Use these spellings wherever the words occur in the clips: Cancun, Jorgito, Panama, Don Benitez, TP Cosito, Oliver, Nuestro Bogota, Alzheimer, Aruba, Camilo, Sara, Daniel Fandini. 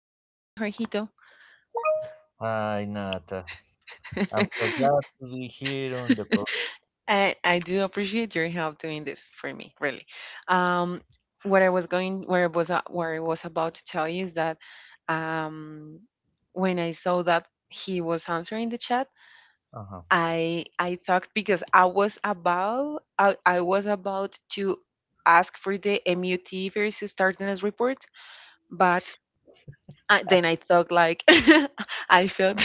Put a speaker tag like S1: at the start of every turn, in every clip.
S1: so hi, Jorgito.
S2: Hi, Nata. I'm so glad to be here on the podcast.
S1: I do appreciate your help doing this for me, really. Um, what I was going, where I was about to tell you is that um, when I saw that he was answering the chat,
S2: Uh-huh.
S1: I thought because I was about to ask for the MUT versus tardiness report, but then I thought like I felt.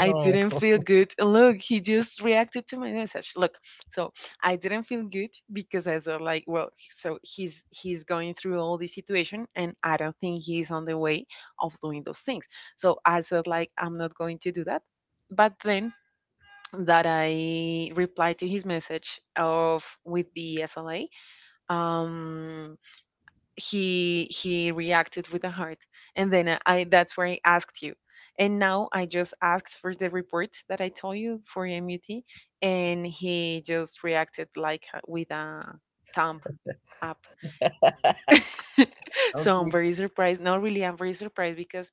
S1: I didn't feel good. Look, he just reacted to my message. Look, so I didn't feel good because I thought like, well, so he's going through all this situation, and I don't think he's on the way of doing those things. So I said like, I'm not going to do that. But then that I replied to his message of with the SLA, um, he reacted with a heart, and then that's where I asked you, and now I just asked for the report that I told you for MUT, and he just reacted like with a thumb up. So I'm
S2: okay.
S1: very surprised, not really, I'm very surprised because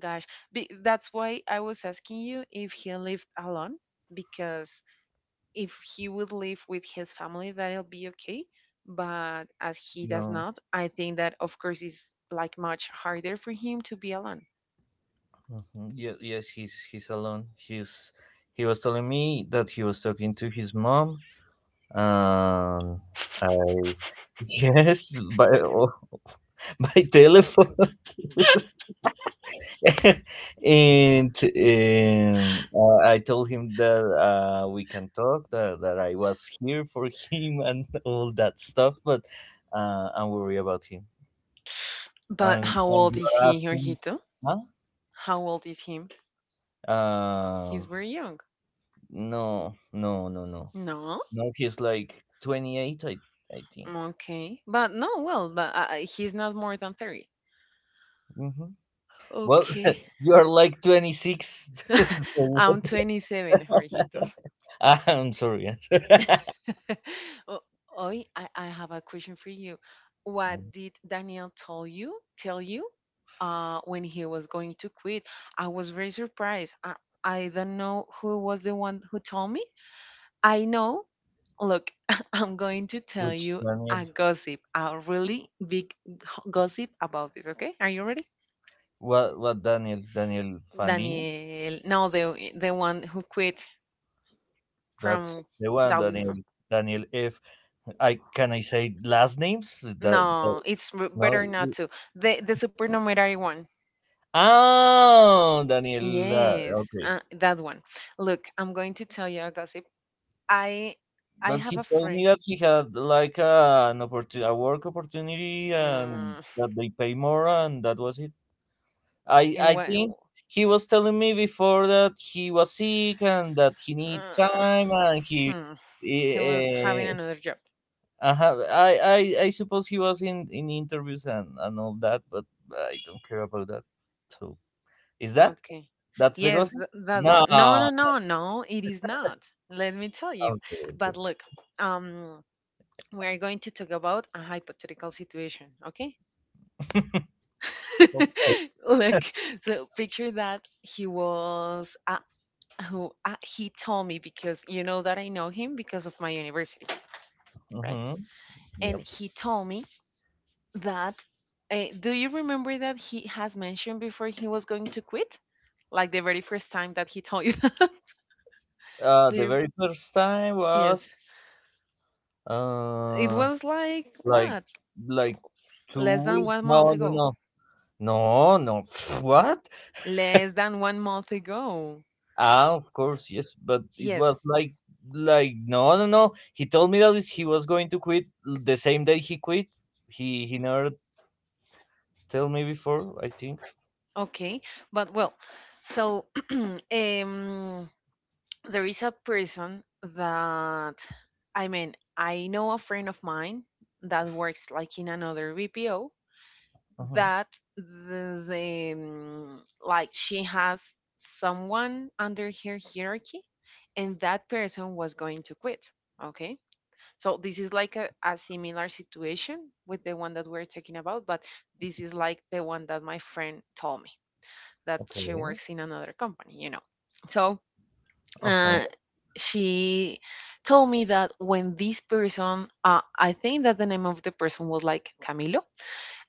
S1: gosh, that's why I was asking you if he lived alone, because if he would live with his family, that'll be okay. But as he does
S2: No.
S1: not, I think that of course it's like much harder for him to be alone.
S2: Mhm. Yes, he's alone. He was telling me that he was talking to his mom. Um, I yes, by by telephone. And I told him that we can talk, that I was here for him and all that stuff, but I'm worried about him.
S1: But
S2: And,
S1: how
S2: and
S1: old
S2: you
S1: is
S2: are
S1: he,
S2: asking,
S1: Jorgito?
S2: huh?
S1: How old is him? He's
S2: Um,
S1: very young.
S2: no, no, no, no.
S1: No?
S2: No, he's like 28, I think.
S1: Okay. But no, well, but he's not more than 30.
S2: Hmm. Well,
S1: Okay.
S2: you are like 26. So
S1: I'm
S2: what-
S1: 27, Jorgito.
S2: I'm sorry. Yes.
S1: O- Oi, I have a question for you.
S2: Um,
S1: What did Daniel tell you when he was going to quit? I was very surprised. I don't know who was the one who told me. I know. Look, I'm going to tell
S2: Which
S1: you
S2: Daniel?
S1: a gossip, a really big gossip about this. Okay, are you ready?
S2: What Daniel? Daniel Fandini?
S1: Daniel, no, the one who quit from
S2: That's the one,
S1: Dolly.
S2: Daniel.
S1: From,
S2: Daniel F. I can I say last names?
S1: no, it's
S2: No.
S1: better not to. The supernumerary one.
S2: Oh, Daniel.
S1: Yes,
S2: Okay,
S1: that one. Look, I'm going to tell you a gossip. I I
S2: but
S1: have
S2: he
S1: a
S2: told me
S1: friend,
S2: that he had like an opportunity, a work opportunity, and
S1: mm,
S2: that they pay more, and that was it. I
S1: and
S2: I
S1: what?
S2: think he was telling me before that he was sick and that he need
S1: Uh,
S2: time, and he.
S1: hmm, he was having
S2: eh, eh,
S1: another job.
S2: Uh-huh. I suppose he was in interviews and all that, but I don't care about that. So is that
S1: Okay.
S2: that's the
S1: Yes,
S2: gossip?
S1: that
S2: No.
S1: one. No, no, no, no. It is not. Let me tell you.
S2: Okay.
S1: But
S2: Okay.
S1: look, um, we are going to talk about a hypothetical situation. Okay.
S2: Okay.
S1: Look, so picture that he was a, who he told me because you know that I know him because of my university, right?
S2: Mm-hmm.
S1: And
S2: Yep.
S1: he told me that. Do you remember that he has mentioned before he was going to quit? Like the very first time that he told you that? Do
S2: The
S1: you-
S2: very first time was
S1: Yes. It
S2: uh
S1: was like
S2: like
S1: what?
S2: like
S1: Less
S2: two
S1: than
S2: weeks.
S1: one month
S2: No, no,
S1: ago.
S2: no, no, no. What?
S1: Less than one month ago.
S2: Ah, of course, yes, but it
S1: Yes.
S2: was like no, no, no. He told me that he was going to quit the same day he quit he never tell me before, I think.
S1: Okay. But well, so um there is a person that I mean, I know a friend of mine that works like in another VPO
S2: Uh-huh.
S1: that the like she has someone under her hierarchy, and that person was going to quit, okay, so this is like a similar situation with the one that we're talking about, but this is like the one that my friend told me, that she
S2: Okay.
S1: works in another company, you know. So uh,
S2: Uh-huh.
S1: she told me that when this person, I think that the name of the person was like Camilo,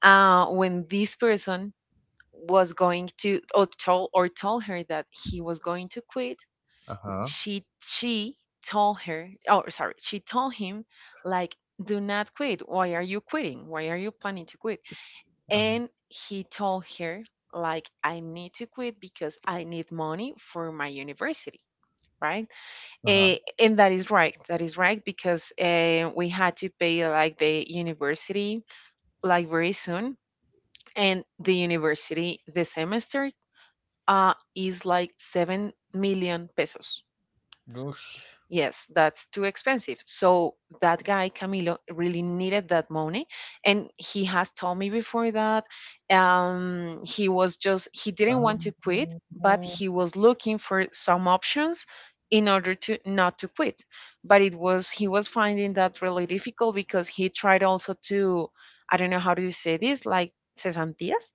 S1: when this person was going to or told her that he was going to quit,
S2: Uh-huh.
S1: she told her, oh sorry, she told him like, do not quit. Why are you quitting? Why are you planning to quit?
S2: Uh-huh.
S1: And he told her like, I need to quit because I need money for my university, right? Eh,
S2: Uh-huh.
S1: and that is right. That is right because we had to pay like the university like very soon, and the semester is like 7 million pesos.
S2: Gosh.
S1: Yes, that's too expensive. So that guy Camilo really needed that money, and he has told me before that he was just he didn't want to
S2: Um,
S1: quit, but he was looking for some options in order to not to quit. But it was he was finding that really difficult because he tried also to, I don't know how do you say this, like cesantías.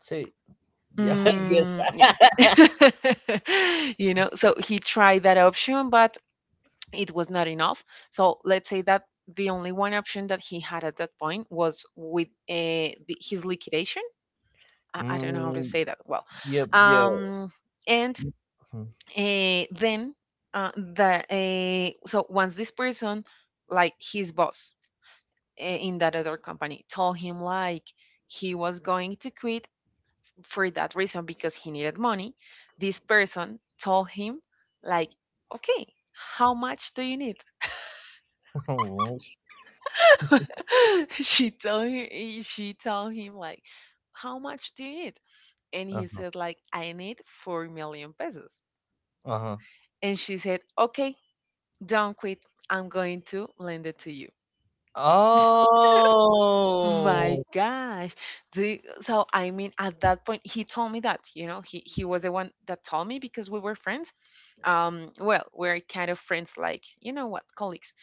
S2: Say, yeah, yes.
S1: Mm, yeah. You know, so he tried that option, but it was not enough. So let's say that the only one option that he had at that point was with his liquidation. I don't know how to
S2: Mm,
S1: say that well.
S2: yep, yeah.
S1: Um, and
S2: Mhm.
S1: then the so once this person, like his boss in that other company, told him like he was going to quit for that reason because he needed money, this person told him like, okay, how much do you need?
S2: Almost.
S1: She told him she told him like, how much do you need? And he
S2: Uh-huh.
S1: said like, I need 4 million pesos.
S2: Uh-huh.
S1: And she said, okay, don't quit, I'm going to lend it to you. My
S2: Oh.
S1: gosh. So I mean, at that point he told me that, you know, he was the one that told me because we were friends. Um, well, we're kind of friends, like, you know what, colleagues.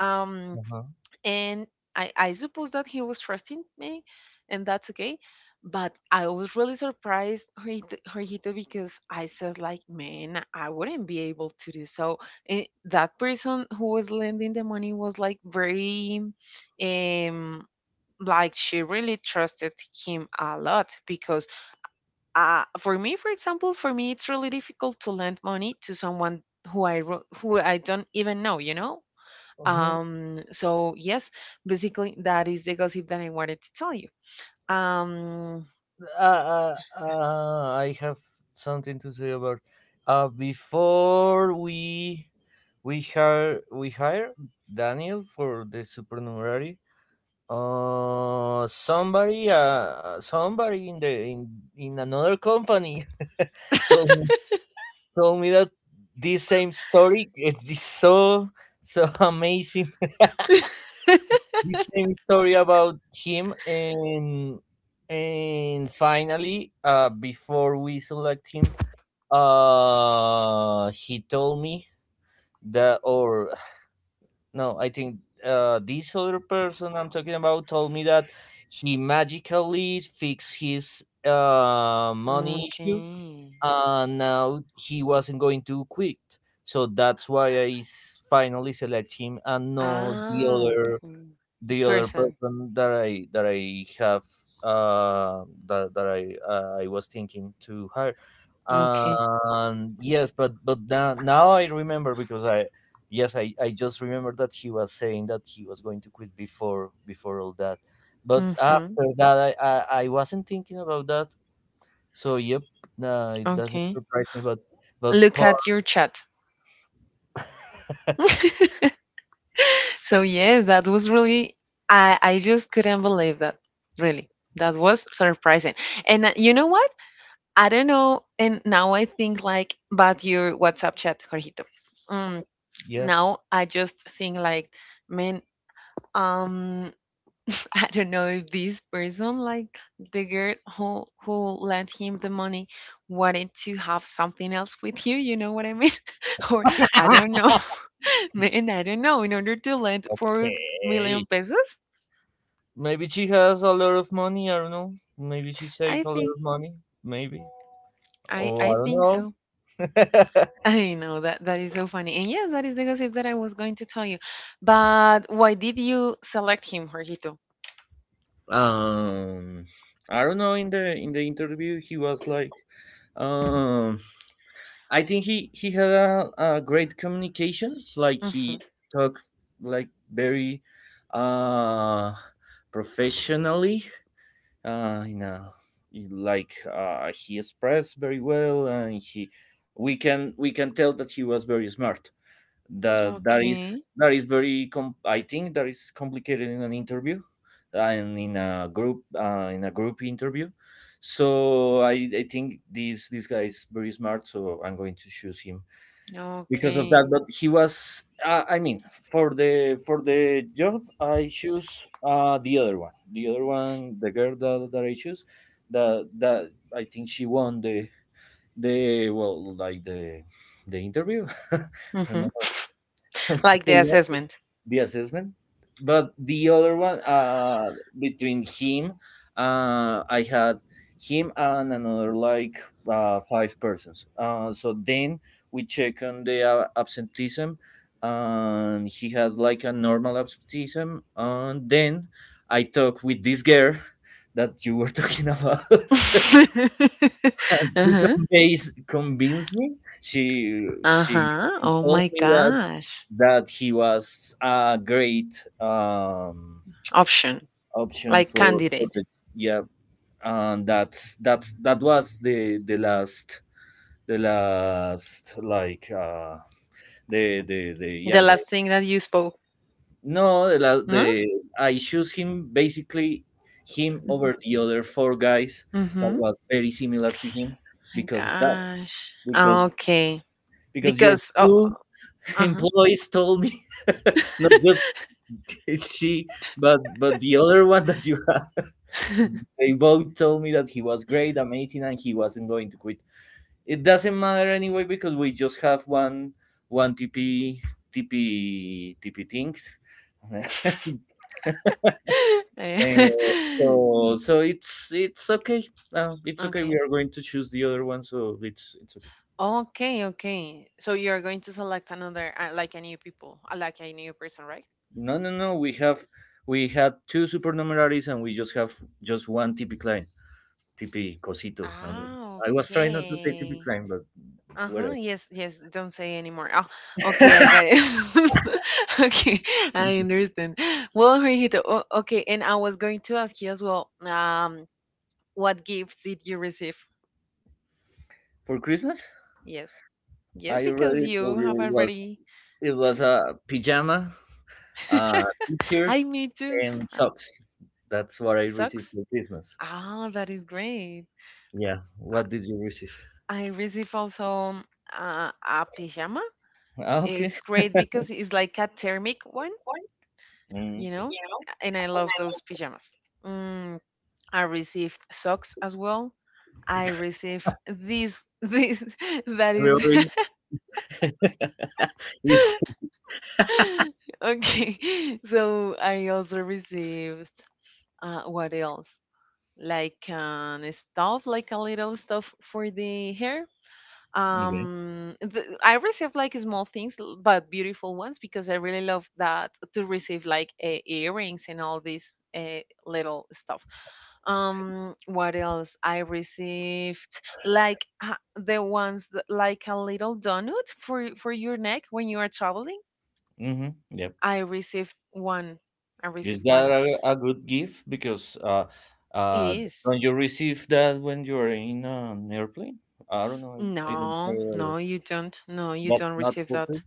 S1: um
S2: Uh-huh.
S1: and I suppose that he was trusting me, and that's okay. But I was really surprised, Jorgito, Jorgito, because I said, like, man, I wouldn't be able to do so. And that person who was lending the money was like very, um, like she really trusted him a lot because, for me, it's really difficult to lend money to someone who I don't even know, you know.
S2: Mhm.
S1: So yes, basically that is the gossip that I wanted to tell you. Um,
S2: I have something to say about before we hire Daniel for the supernumerary. Somebody in the in another company told me told me that this same story is so so amazing. This same story about him and finally, before we select him, he told me that or no, I think this other person I'm talking about told me that he magically fixed his money issue
S1: okay.
S2: and now he wasn't going to quit. So that's why finally select him and not
S1: Ah, okay.
S2: the other
S1: Person.
S2: person that I have, that I was thinking to hire.
S1: Okay.
S2: And yes, but now I remember because I yes, I just remember that he was saying that he was going to quit before all that. But
S1: Mm-hmm.
S2: after that, I wasn't thinking about that. So yep, nah, it doesn't
S1: Okay.
S2: surprise me. But
S1: Look
S2: part.
S1: at your chat. So yes, that was really, I just couldn't believe that. Really. That was surprising. And you know what? I don't know. And now I think like about your WhatsApp chat, Jorgito. Mm.
S2: Yep,
S1: Now I just think like, man, um, I don't know if this person, like the girl who lent him the money, wanted to have something else with you. You know what I mean? Or I don't know, man, I don't know. In order to lend 4 million
S2: okay.
S1: pesos,
S2: Maybe she has a lot of money. I don't know. Maybe she saved
S1: I
S2: a lot
S1: think,
S2: of money. Maybe. Oh,
S1: I
S2: I don't
S1: think so.
S2: know.
S1: I know that that is so funny, and yes, that is the gossip that I was going to tell you. But why did you select him, Jorgito?
S2: um, I don't know. In the interview, he was like, um, I think he had a, great communication. Like
S1: Hmm.
S2: he talked like very, uh, professionally. In a Like he expressed very well, and he we can tell that he was very smart. that that
S1: Okay,
S2: is that is very. I think that is complicated in an interview and in a group interview. So I think this guy is very smart, so I'm going to choose him because of
S1: okay.
S2: that. But he was I mean, for the job, I choose the other one, the girl that I choose, that I think she won the, the well like the the interview. I don't
S1: Hmm.
S2: know how to
S1: Like the
S2: say
S1: assessment.
S2: the assessment. But the other one, between him, I had him and another like five persons. So then we check on the absenteeism, and he had like a normal absenteeism. And then I talk with this girl that you were talking about, and she
S1: Uh-huh.
S2: convinced me. She she
S1: Uh-huh.
S2: she
S1: Oh
S2: told
S1: my
S2: me that
S1: gosh.
S2: he was a great
S1: Option.
S2: option
S1: Like
S2: for,
S1: candidate.
S2: the, yeah, and that was the last. The last, like the
S1: The
S2: yeah, the
S1: last thing that you spoke.
S2: no, the the,
S1: No?
S2: I choose him basically, him over the other four guys that
S1: Mm-hmm.
S2: was very similar to him
S1: My
S2: because of that,
S1: gosh. Ah,
S2: because
S1: okay.
S2: your
S1: Because, oh,
S2: two
S1: uh-huh.
S2: employees told me, not just she, but the other one that you had. They both told me that he was great, amazing, and he wasn't going to quit. It doesn't matter anyway because we just have one TP things.
S1: Eh,
S2: So it's okay. It's okay, we
S1: okay.
S2: are going to choose the other one, so it's okay.
S1: Okay, okay. So you're going to select another like a new person, right?
S2: No, no, no, we had two supernumeraries, and we just have just one TP client. TP Cosito.
S1: Ah,
S2: I was trying not to say TP
S1: okay.
S2: Klein, but
S1: Uh-huh.
S2: whatever.
S1: Yes, yes. Don't say anymore. Oh, okay, I got it. Okay, I understand. Well, Jorgito, okay, and I was going to ask you as well, what gifts did you receive?
S2: For Christmas,
S1: Yes. Yes,
S2: I already
S1: because
S2: told
S1: you
S2: you
S1: have
S2: it was
S1: already
S2: a pajama, uh, t-shirt,
S1: I me too.
S2: and
S1: Uh,
S2: socks. That's what I received
S1: socks?
S2: for Christmas.
S1: Ah, that is great.
S2: Yeah. What did you receive?
S1: I receive also a pajama.
S2: Ah, okay.
S1: It's great because it's like a thermic one.
S2: Mm,
S1: You
S2: okay.
S1: know, and I love those pajamas. Mm, I received socks as well. I received this, this, that is.
S2: Everybody is
S1: Okay, so I also received, what else? Like an stuff, like a little stuff for the hair.
S2: okay.
S1: I received like small things but beautiful ones because I really love that, to receive like earrings and all this little stuff. What else I received, like the ones that, like a little donut for your neck when you are traveling.
S2: Mm-hmm. Yeah.
S1: I received one. I
S2: Is
S1: received
S2: that
S1: one.
S2: a, good gift? Because
S1: It
S2: uh,
S1: is
S2: don't you receive that when you are in an airplane? I don't know. I don't.
S1: no, no, you don't, no, you
S2: That's
S1: don't
S2: not
S1: receive
S2: for
S1: that,
S2: free.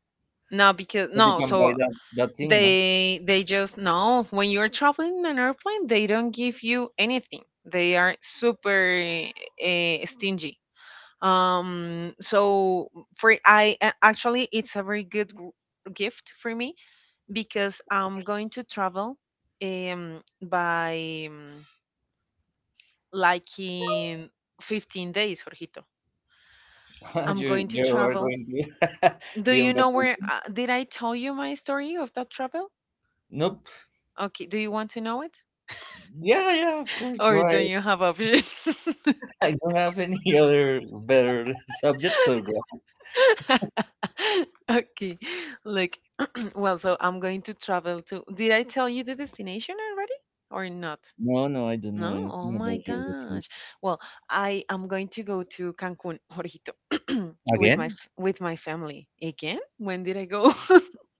S1: no because
S2: But you
S1: no,
S2: can
S1: so
S2: buy that thing, no?
S1: they just know when you're traveling in an airplane, they don't give you anything, they are super stingy. So for actually it's a very good gift for me because I'm going to travel by like in 15 days, Jorgito, I'm
S2: you
S1: going to
S2: you are
S1: travel.
S2: going to
S1: Do
S2: be on
S1: you know where,
S2: vacation.
S1: did I tell you my story of that travel?
S2: Nope.
S1: Okay, do you want to know?
S2: Yeah, yeah, of course. No,
S1: Or
S2: I,
S1: don't you have options?
S2: I don't have any other better subject. So go.
S1: Okay. Like, well, so I'm going to travel to. Did I tell you the destination already or not?
S2: No, no, I don't know
S1: No? Oh
S2: anything
S1: my
S2: about your
S1: gosh.
S2: vacation.
S1: Well, I am going to go to Cancun, Jorito, with my
S2: Again,
S1: with my family. Again? When did I go?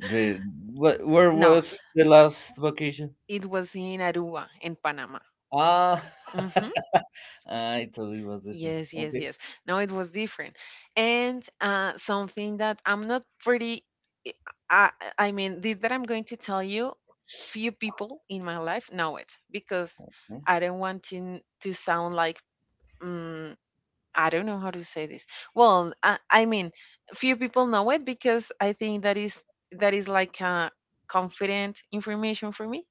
S2: the where
S1: No,
S2: was the last vacation?
S1: it was in Aruba, in Panama.
S2: Ah,
S1: Mm-hmm.
S2: I thought it was the same.
S1: Yes, yes,
S2: Okay.
S1: yes. No, it was different. And something that I'm not pretty, I, I I mean, this that I'm going to tell you, few people in my life know it because
S2: Yeah.
S1: I don't want to, to sound like, um, I don't know how to say this. Well, I mean, few people know it because I think that is like confident information for me.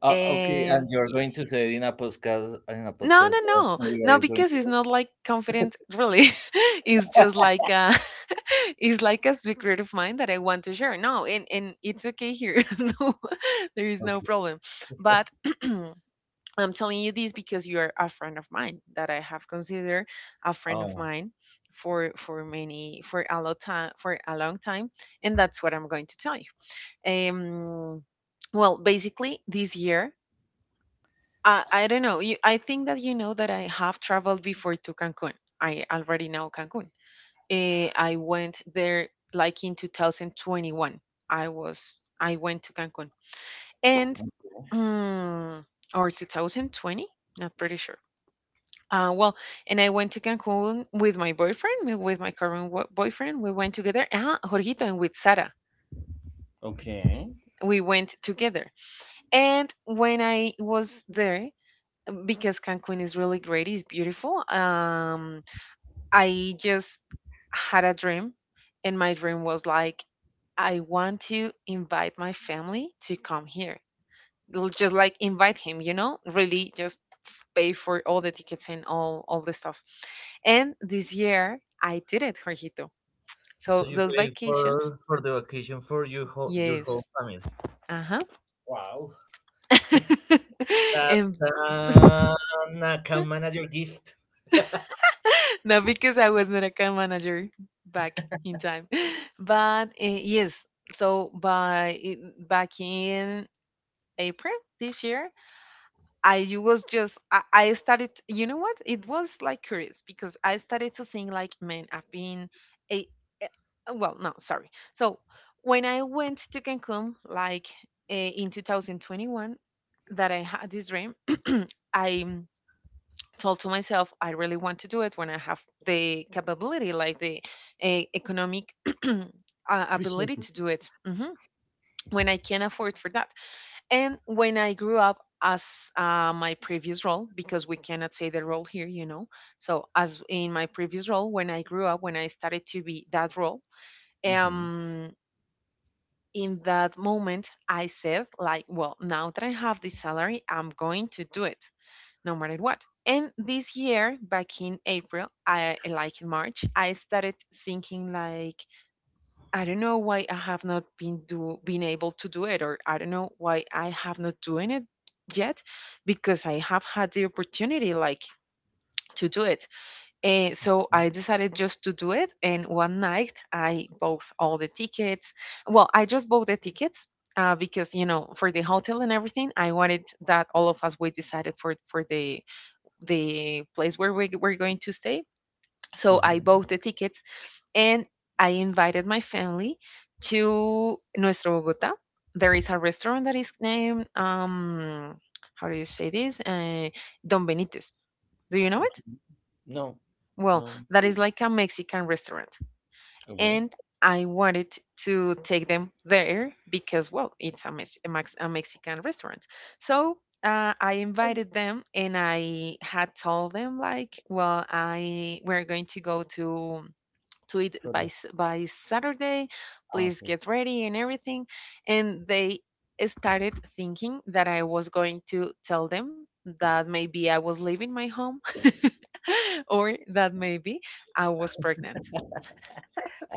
S2: Okay, and
S1: Um,
S2: you're going to say in a podcast
S1: no, no,
S2: that
S1: no.
S2: Oliver
S1: No,
S2: is going
S1: because
S2: to
S1: it's
S2: do?
S1: not like confident, really. It's just like it's like a secret of mine that I want to share. No, and it's okay here. No, there is no
S2: Okay.
S1: problem. But I'm telling you this because you are a friend of mine that I have considered a friend of
S2: Oh,
S1: mine for many for a long time, and that's what I'm going to tell you. Um, well, basically this year I don't know. I think that you know that I have traveled before to Cancun. I already know Cancun. I went there like in 2021. I was I went to Cancun and mm, or 2020, not pretty sure. Well, and I went to Cancun with my boyfriend, with my current boyfriend. We went together. Ah, Jorgito and with Sara.
S2: okay.
S1: We went together. And when I was there, because Cancun is really great. It's beautiful. I just had a dream, and my dream was like, I want to invite my family to come here. Just like invite him, you know, really just pay for all the tickets and all the stuff. And this year I did it, Jorgito.
S2: So
S1: So
S2: you
S1: those
S2: pay
S1: vacations,
S2: for the vacation for your whole
S1: yes,
S2: family.
S1: uh
S2: Wow,
S1: huh, and
S2: that's an account manager gift.
S1: no, because I was not account manager back in time. But yes, so back in April this year, I was just I started. You know what? It was like curious because I started to think like, man, I've been a, well, no, sorry. So when I went to Cancun, like in 2021, that I had this dream, I told to myself, I really want to do it when I have the capability, like the economic ability
S2: Resources.
S1: to do it, when I can afford for that, and when I grew up as my previous role, because we cannot say the role here, you know. So as in my previous role, when I grew up, when I started to be that role
S2: Mm-hmm.
S1: um in that moment I said, like, well, now that I have this salary, I'm going to do it, no matter what. And this year, back in April, I, like in March, I started thinking like, I don't know why I have not been do been able to do it, or I don't know why I have not doing it yet, because I have had the opportunity like to do it. And so I decided just to do it. And one night I bought all the tickets. Well, I just bought the tickets. Because you know, for the hotel and everything, I wanted that all of us, we decided for the place where we were going to stay. So I
S2: Uh-huh.
S1: bought the tickets and I invited my family to Nuestro Bogota. There is a restaurant that is named, how do you say this? Don Benitez. Do you know it?
S2: Okay. No,
S1: Well,
S2: no.
S1: that is like a Mexican restaurant,
S2: Okay.
S1: and I wanted to take them there because, well, it's a Mexican restaurant. So I invited them, and I had told them like, well, I we're going to go to it by
S2: Sorry.
S1: by Saturday.
S2: Ah,
S1: Please
S2: okay.
S1: get ready and everything. And they started thinking that I was going to tell them that maybe I was leaving my home or that maybe I was pregnant.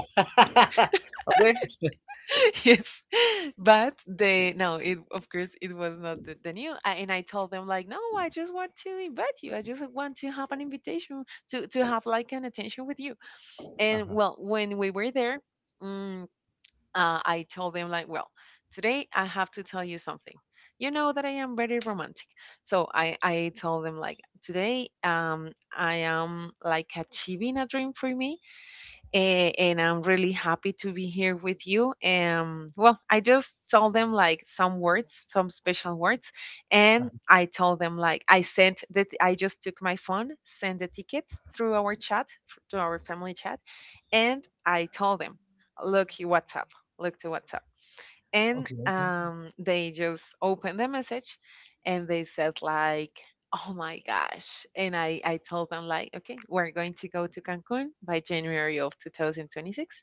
S2: okay.
S1: Yes, but they, no, it, of course it was not the, the new, and I told them like, no, I just want to invite you, I just want to have an invitation to have like an attention with you. And
S2: Uh-huh.
S1: well, when we were there, mm, I told them like, well, today I have to tell you something. You know that I am very romantic. So I told them like, today, I am like achieving a dream for me. And I'm really happy to be here with you. Well, I just told them like some words, some special words, and I told them like I sent that I just took my phone, sent the tickets through our chat, to our family chat, and I told them, look, you what's up, look to what's up. And
S2: Okay.
S1: they just opened the message and they said like, oh my gosh. And I told them like, okay, we're going to go to Cancun by January of 2026.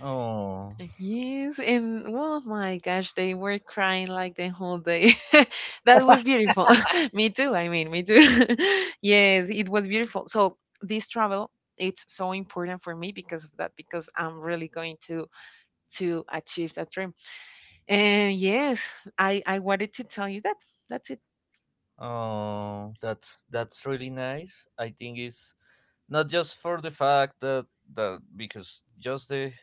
S2: Oh,
S1: Yes, and oh my gosh, they were crying like the whole day. That was beautiful. Me too, I mean, me too. Yes, it was beautiful. So this travel, it's so important for me because of that, because I'm really going to achieve that dream. And yes, I wanted to tell you that. That's it.
S2: oh, that's really nice. I think it's not just for the fact that because just the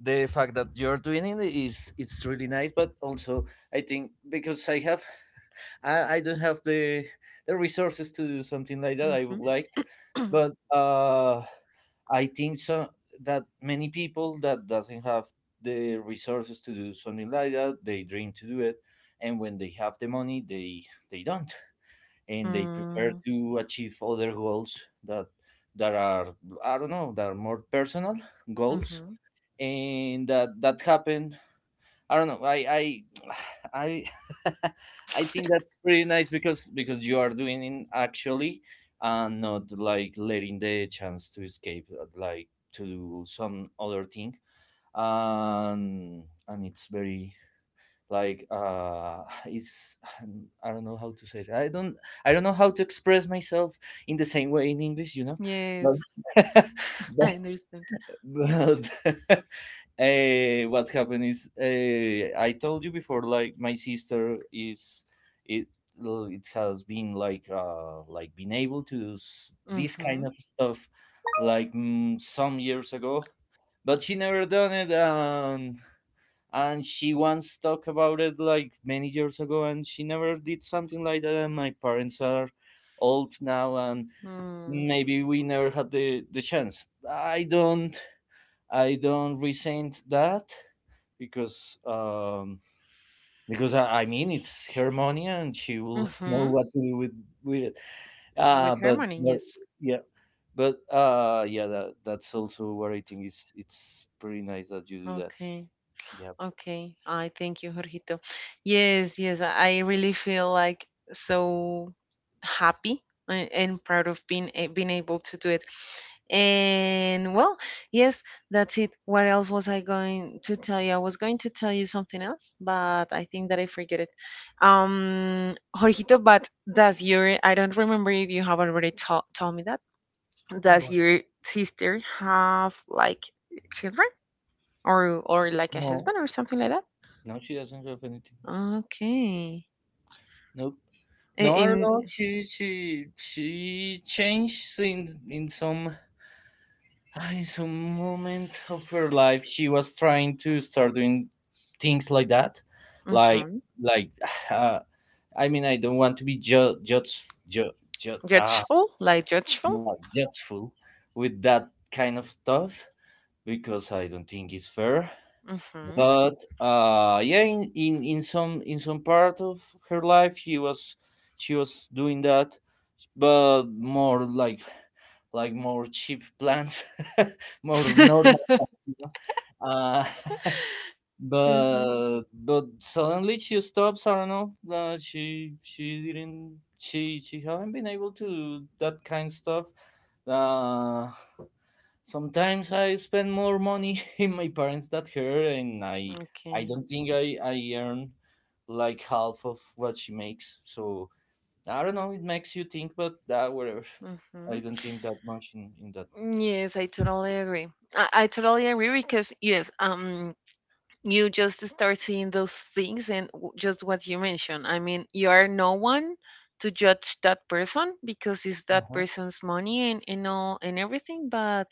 S2: the fact that you're doing it is it's really nice, but also I think because I have I don't have the resources to do something like that I would
S1: hmm
S2: like, but I think so that many people that doesn't have the resources to do something like that, they dream to do it. And when they have the money, they don't, and they prefer
S1: mm,
S2: to achieve other goals that are, I don't know, that are more personal goals.
S1: hmm
S2: And that happened. I don't know. I I I think that's pretty nice, because you are doing it actually, and not like letting the chance to escape, like to do some other thing. And it's very, like it's I don't know how to say it. I don't know how to express myself in the same way in English.
S1: Yes,
S2: But,
S1: I understand.
S2: but what happened is, I told you before, like my sister is, it it has been like been able to do this
S1: Mm-hmm.
S2: kind of stuff, like some years ago, but she never done it and. And she once talked about it like many years ago, and she never did something like that. And my parents are old now, and
S1: Mm,
S2: maybe we never had the chance. I don't resent that because um, because I mean, it's her money, and she will know
S1: hmm
S2: what to do with it.
S1: With harmony,
S2: But
S1: yes.
S2: yeah, but yeah, that's also what I think, is it's pretty nice that you do that.
S1: Okay.
S2: Yeah.
S1: Okay, I thank you, Jorgito. Yes, yes. I really feel like so happy and proud of being able to do it. And well, yes, that's it. What else was I going to tell you? I was going to tell you something else, but I think that I forget it. Jorgito, but does your, I don't remember if you have already told me that. Does
S2: What?
S1: your sister have like children or like a
S2: No,
S1: husband or something like that?
S2: no, she doesn't have anything.
S1: Okay.
S2: Nope. No, I
S1: In
S2: don't know. She changed in some. In some moment of her life, she was trying to start doing things like that, like
S1: mhm.
S2: like. Uh, I mean, I don't want to be judge
S1: Judgeful, like judgeful.
S2: not judgeful with that kind of stuff, because I don't think it's fair.
S1: Mm-hmm.
S2: But yeah, in some part of her life, she was doing that, but more like more cheap plans, more normal plans you know uh
S1: hmm
S2: but suddenly she stops. I don't know. She didn't. She haven't been able to do that kind of stuff. Uh, Sometimes I spend more money in my parents than her, and I
S1: Okay.
S2: don't think I earn like half of what she makes. So I don't know. It makes you think, but whatever.
S1: hmm
S2: I don't think that much in that.
S1: Yes, I totally agree. I totally agree, because yes, you just start seeing those things, and just what you mentioned. I mean, you are no one to judge that person, because it's that
S2: Uh-huh.
S1: person's money, and all and everything. But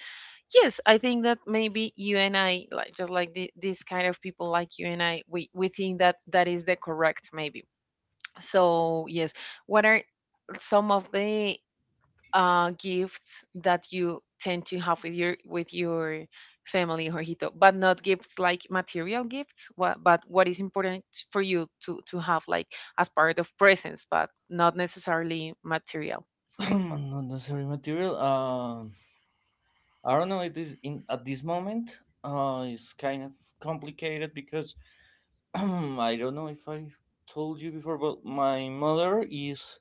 S1: yes, I think that maybe you and I, like just like the, this kind of people like you and I, we think that that is the correct maybe. So yes, what are some of the gifts that you tend to have with your family, Jorgito, but not gifts like material gifts. What, but what is important for you to have like as part of presents, but not necessarily material.
S2: Unnecessary material. I don't know. It is in at this moment. It's kind of complicated because I don't know if I told you before, but my mother is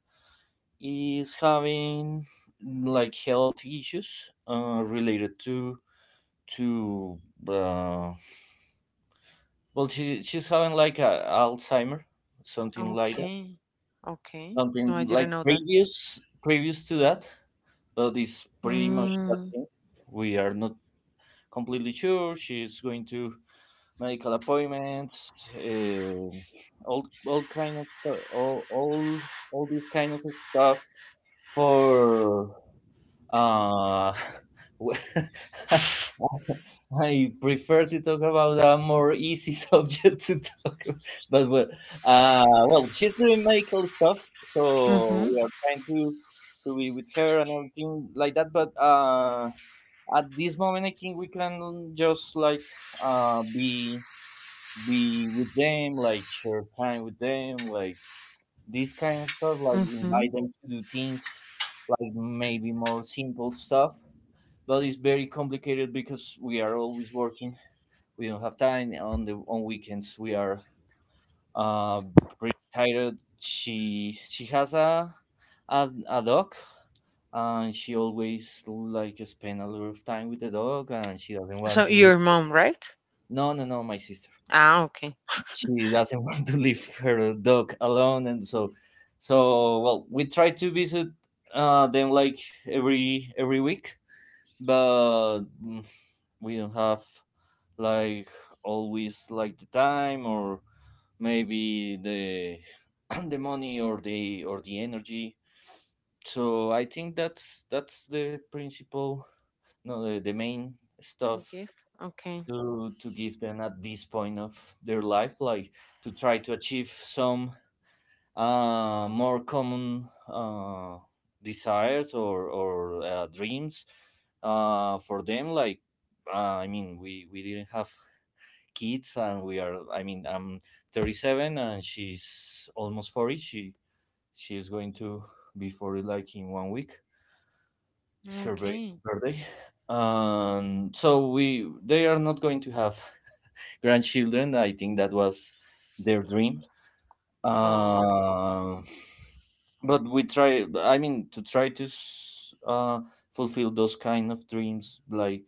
S2: is having like health issues related to to uh, well, she she's having like a Alzheimer, something like that,
S1: Okay, okay. No, I
S2: something like
S1: didn't know that.
S2: previous to that, but it's pretty much that
S1: Mm,
S2: thing. We are not completely sure. She's going to medical appointments, all these kind of stuff for uh w- I prefer to talk about a more easy subject to talk about. But well uh well she's doing medical stuff, so
S1: mm-hmm,
S2: we are trying to be with her and everything like that, but at this moment I think we can just like uh be be with them, like share time with them, like this kind of stuff, like
S1: mm-hmm.
S2: invite them to do things, like maybe more simple stuff. But it's very complicated because we are always working. We don't have time on the on weekends. We are uh, pretty tired. She has a dog, and she always like spend a lot of time with the dog and she doesn't want
S1: So
S2: to leave.
S1: your mom, right?
S2: No, no, no, my sister,
S1: Ah, okay.
S2: she doesn't want to leave her dog alone. And so well, we try to visit them like every week, but we don't have like always like the time, or maybe the the money, or the energy. So I think that's the principal no the, the main stuff
S1: Gift. Okay,
S2: to give them at this point of their life, like to try to achieve some more common desires or dreams for them. Like we didn't have kids, and we are. I'm 37, and she's almost 40. She is going to be 40 like in one week. It's her
S1: okay.
S2: birthday, and so we, they are not going to have grandchildren. I think that was their dream,
S1: Oh.
S2: uh, but we try, to try to fulfill those kind of dreams, like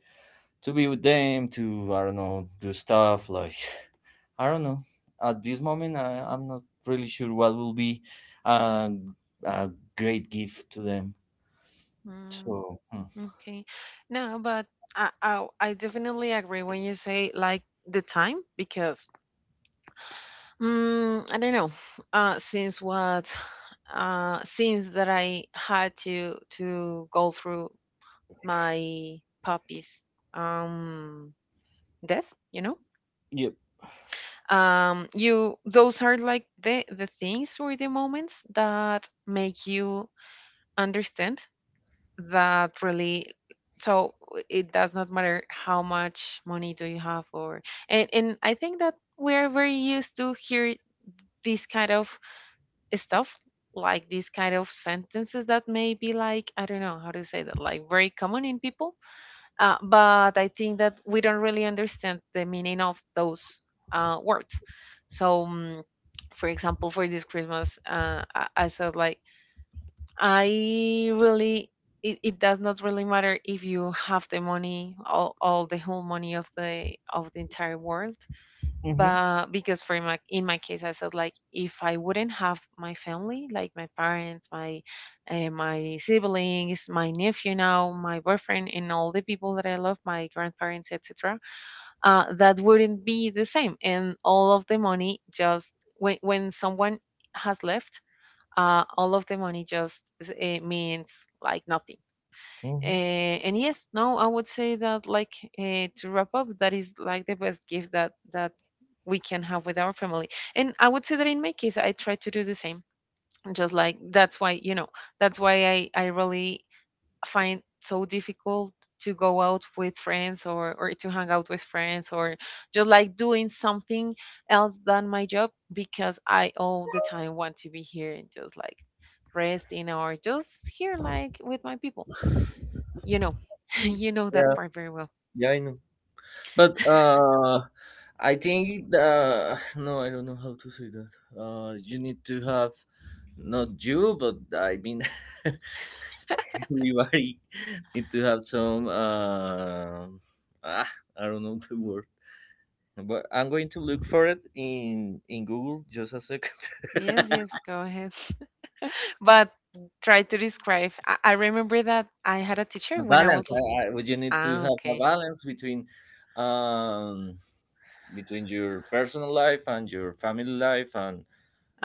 S2: to be with them, to I don't know, do stuff like I don't know. At this moment I'm not really sure what will be a, a great gift to them, so hmm.
S1: Okay. No, but I definitely agree when you say like the time, because I don't know. Since what, since that I had to go through my puppy's um death, you know.
S2: Yeah.
S1: You, those are like the things or the moments that make you understand that really, so it does not matter how much money do you have or, and I think that we're very used to hear this kind of stuff, like these kind of sentences that may be like, I don't know how to say that, like very common in people. But I think that we don't really understand the meaning of those words. So for example, for this Christmas, I said like, I really, it does not really matter if you have the money, all the whole money of the entire world,
S2: Hmm.
S1: but because for my in my case, I said like, if I wouldn't have my family, like my parents, my my siblings, my nephew, now my boyfriend, and all the people that I love, my grandparents, etc., that wouldn't be the same, and all of the money just, when someone has left, all of the money just, it means like nothing. Uh,
S2: Hmm.
S1: and yes, no, I would say that like, to wrap up, that is like the best gift that that we can have with our family. And I would say that in my case, I try to do the same. Just like, that's why you know, that's why I really find so difficult to go out with friends or to hang out with friends or just like doing something else than my job, because I all the time want to be here and just like resting or just here like with my people. You know, you know that
S2: yeah
S1: part very well.
S2: yeah, I know. But I think the no, I don't know how to say that. You need to have, not you, but I mean, everybody need to have some. I don't know the word, but I'm going to look for it in Google. Just a second.
S1: Yes, yes, go ahead. But try to describe. I remember that I had a
S2: A
S1: teacher when I
S2: balance.
S1: was.
S2: Well, you need to
S1: Ah,
S2: have a
S1: okay.
S2: balance between um, between your personal life and your family life, and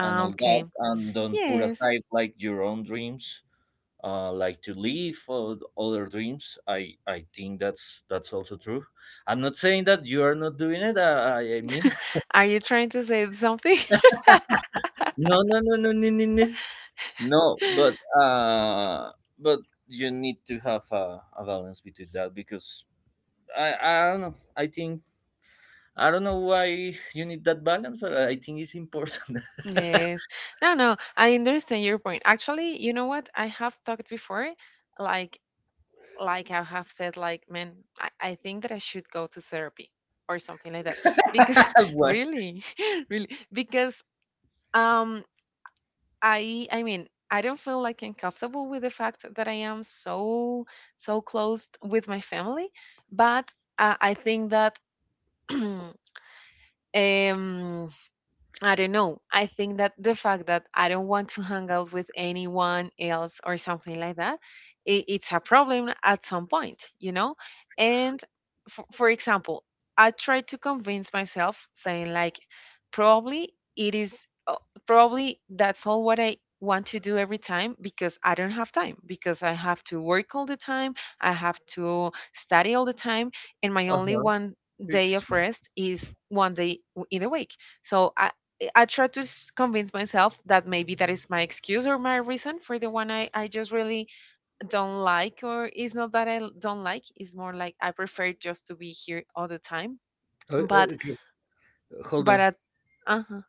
S2: all
S1: okay.
S2: that, and don't put
S1: Yes.
S2: aside like your own dreams, like to leave for other dreams. I think that's also true. I'm not saying that you are not doing it, I mean,
S1: Are you trying to say something?
S2: no no no no no no no. No, but you need to have a balance between that, because I don't know, I think I don't know why you need that balance, but I think it's important.
S1: Yes. No, no, I understand your point. Actually, you know what? I have talked before, like like I have said, like, man, I think that I should go to therapy or something like that. Because
S2: What?
S1: really, really, because um I mean, I don't feel like I'm comfortable with the fact that I am so so close with my family, but I think that um I don't know. I think that the fact that I don't want to hang out with anyone else or something like that, it's a problem at some point, you know? And for example, I try to convince myself saying, like, probably it is, probably that's all what I want to do every time, because I don't have time, because I have to work all the time, I have to study all the time, and my only
S2: Uh-huh.
S1: one day
S2: it's
S1: of rest is one day in the week. So I try to convince myself that maybe that is my excuse or my reason for the one I just really don't like, or it's not that I don't like, it's more like I prefer just to be here all the time. But,
S2: Okay, hold
S1: but
S2: on.
S1: at, uh-huh.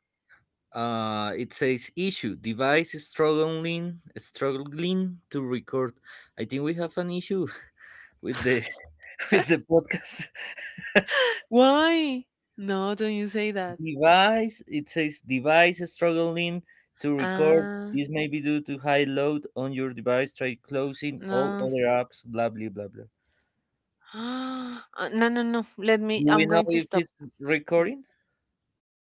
S2: It says, issue, device is struggling to record. I think we have an issue with the with the podcast.
S1: Why? No, don't you say that.
S2: device It says, device is struggling to record.
S1: Ah,
S2: This may be due to high load on your device, try closing all
S1: no.
S2: other apps, blah blah blah blah.
S1: No, no, no. Let me,
S2: Do we
S1: I'm
S2: know
S1: going to
S2: if
S1: stop.
S2: it's
S1: No,
S2: recording?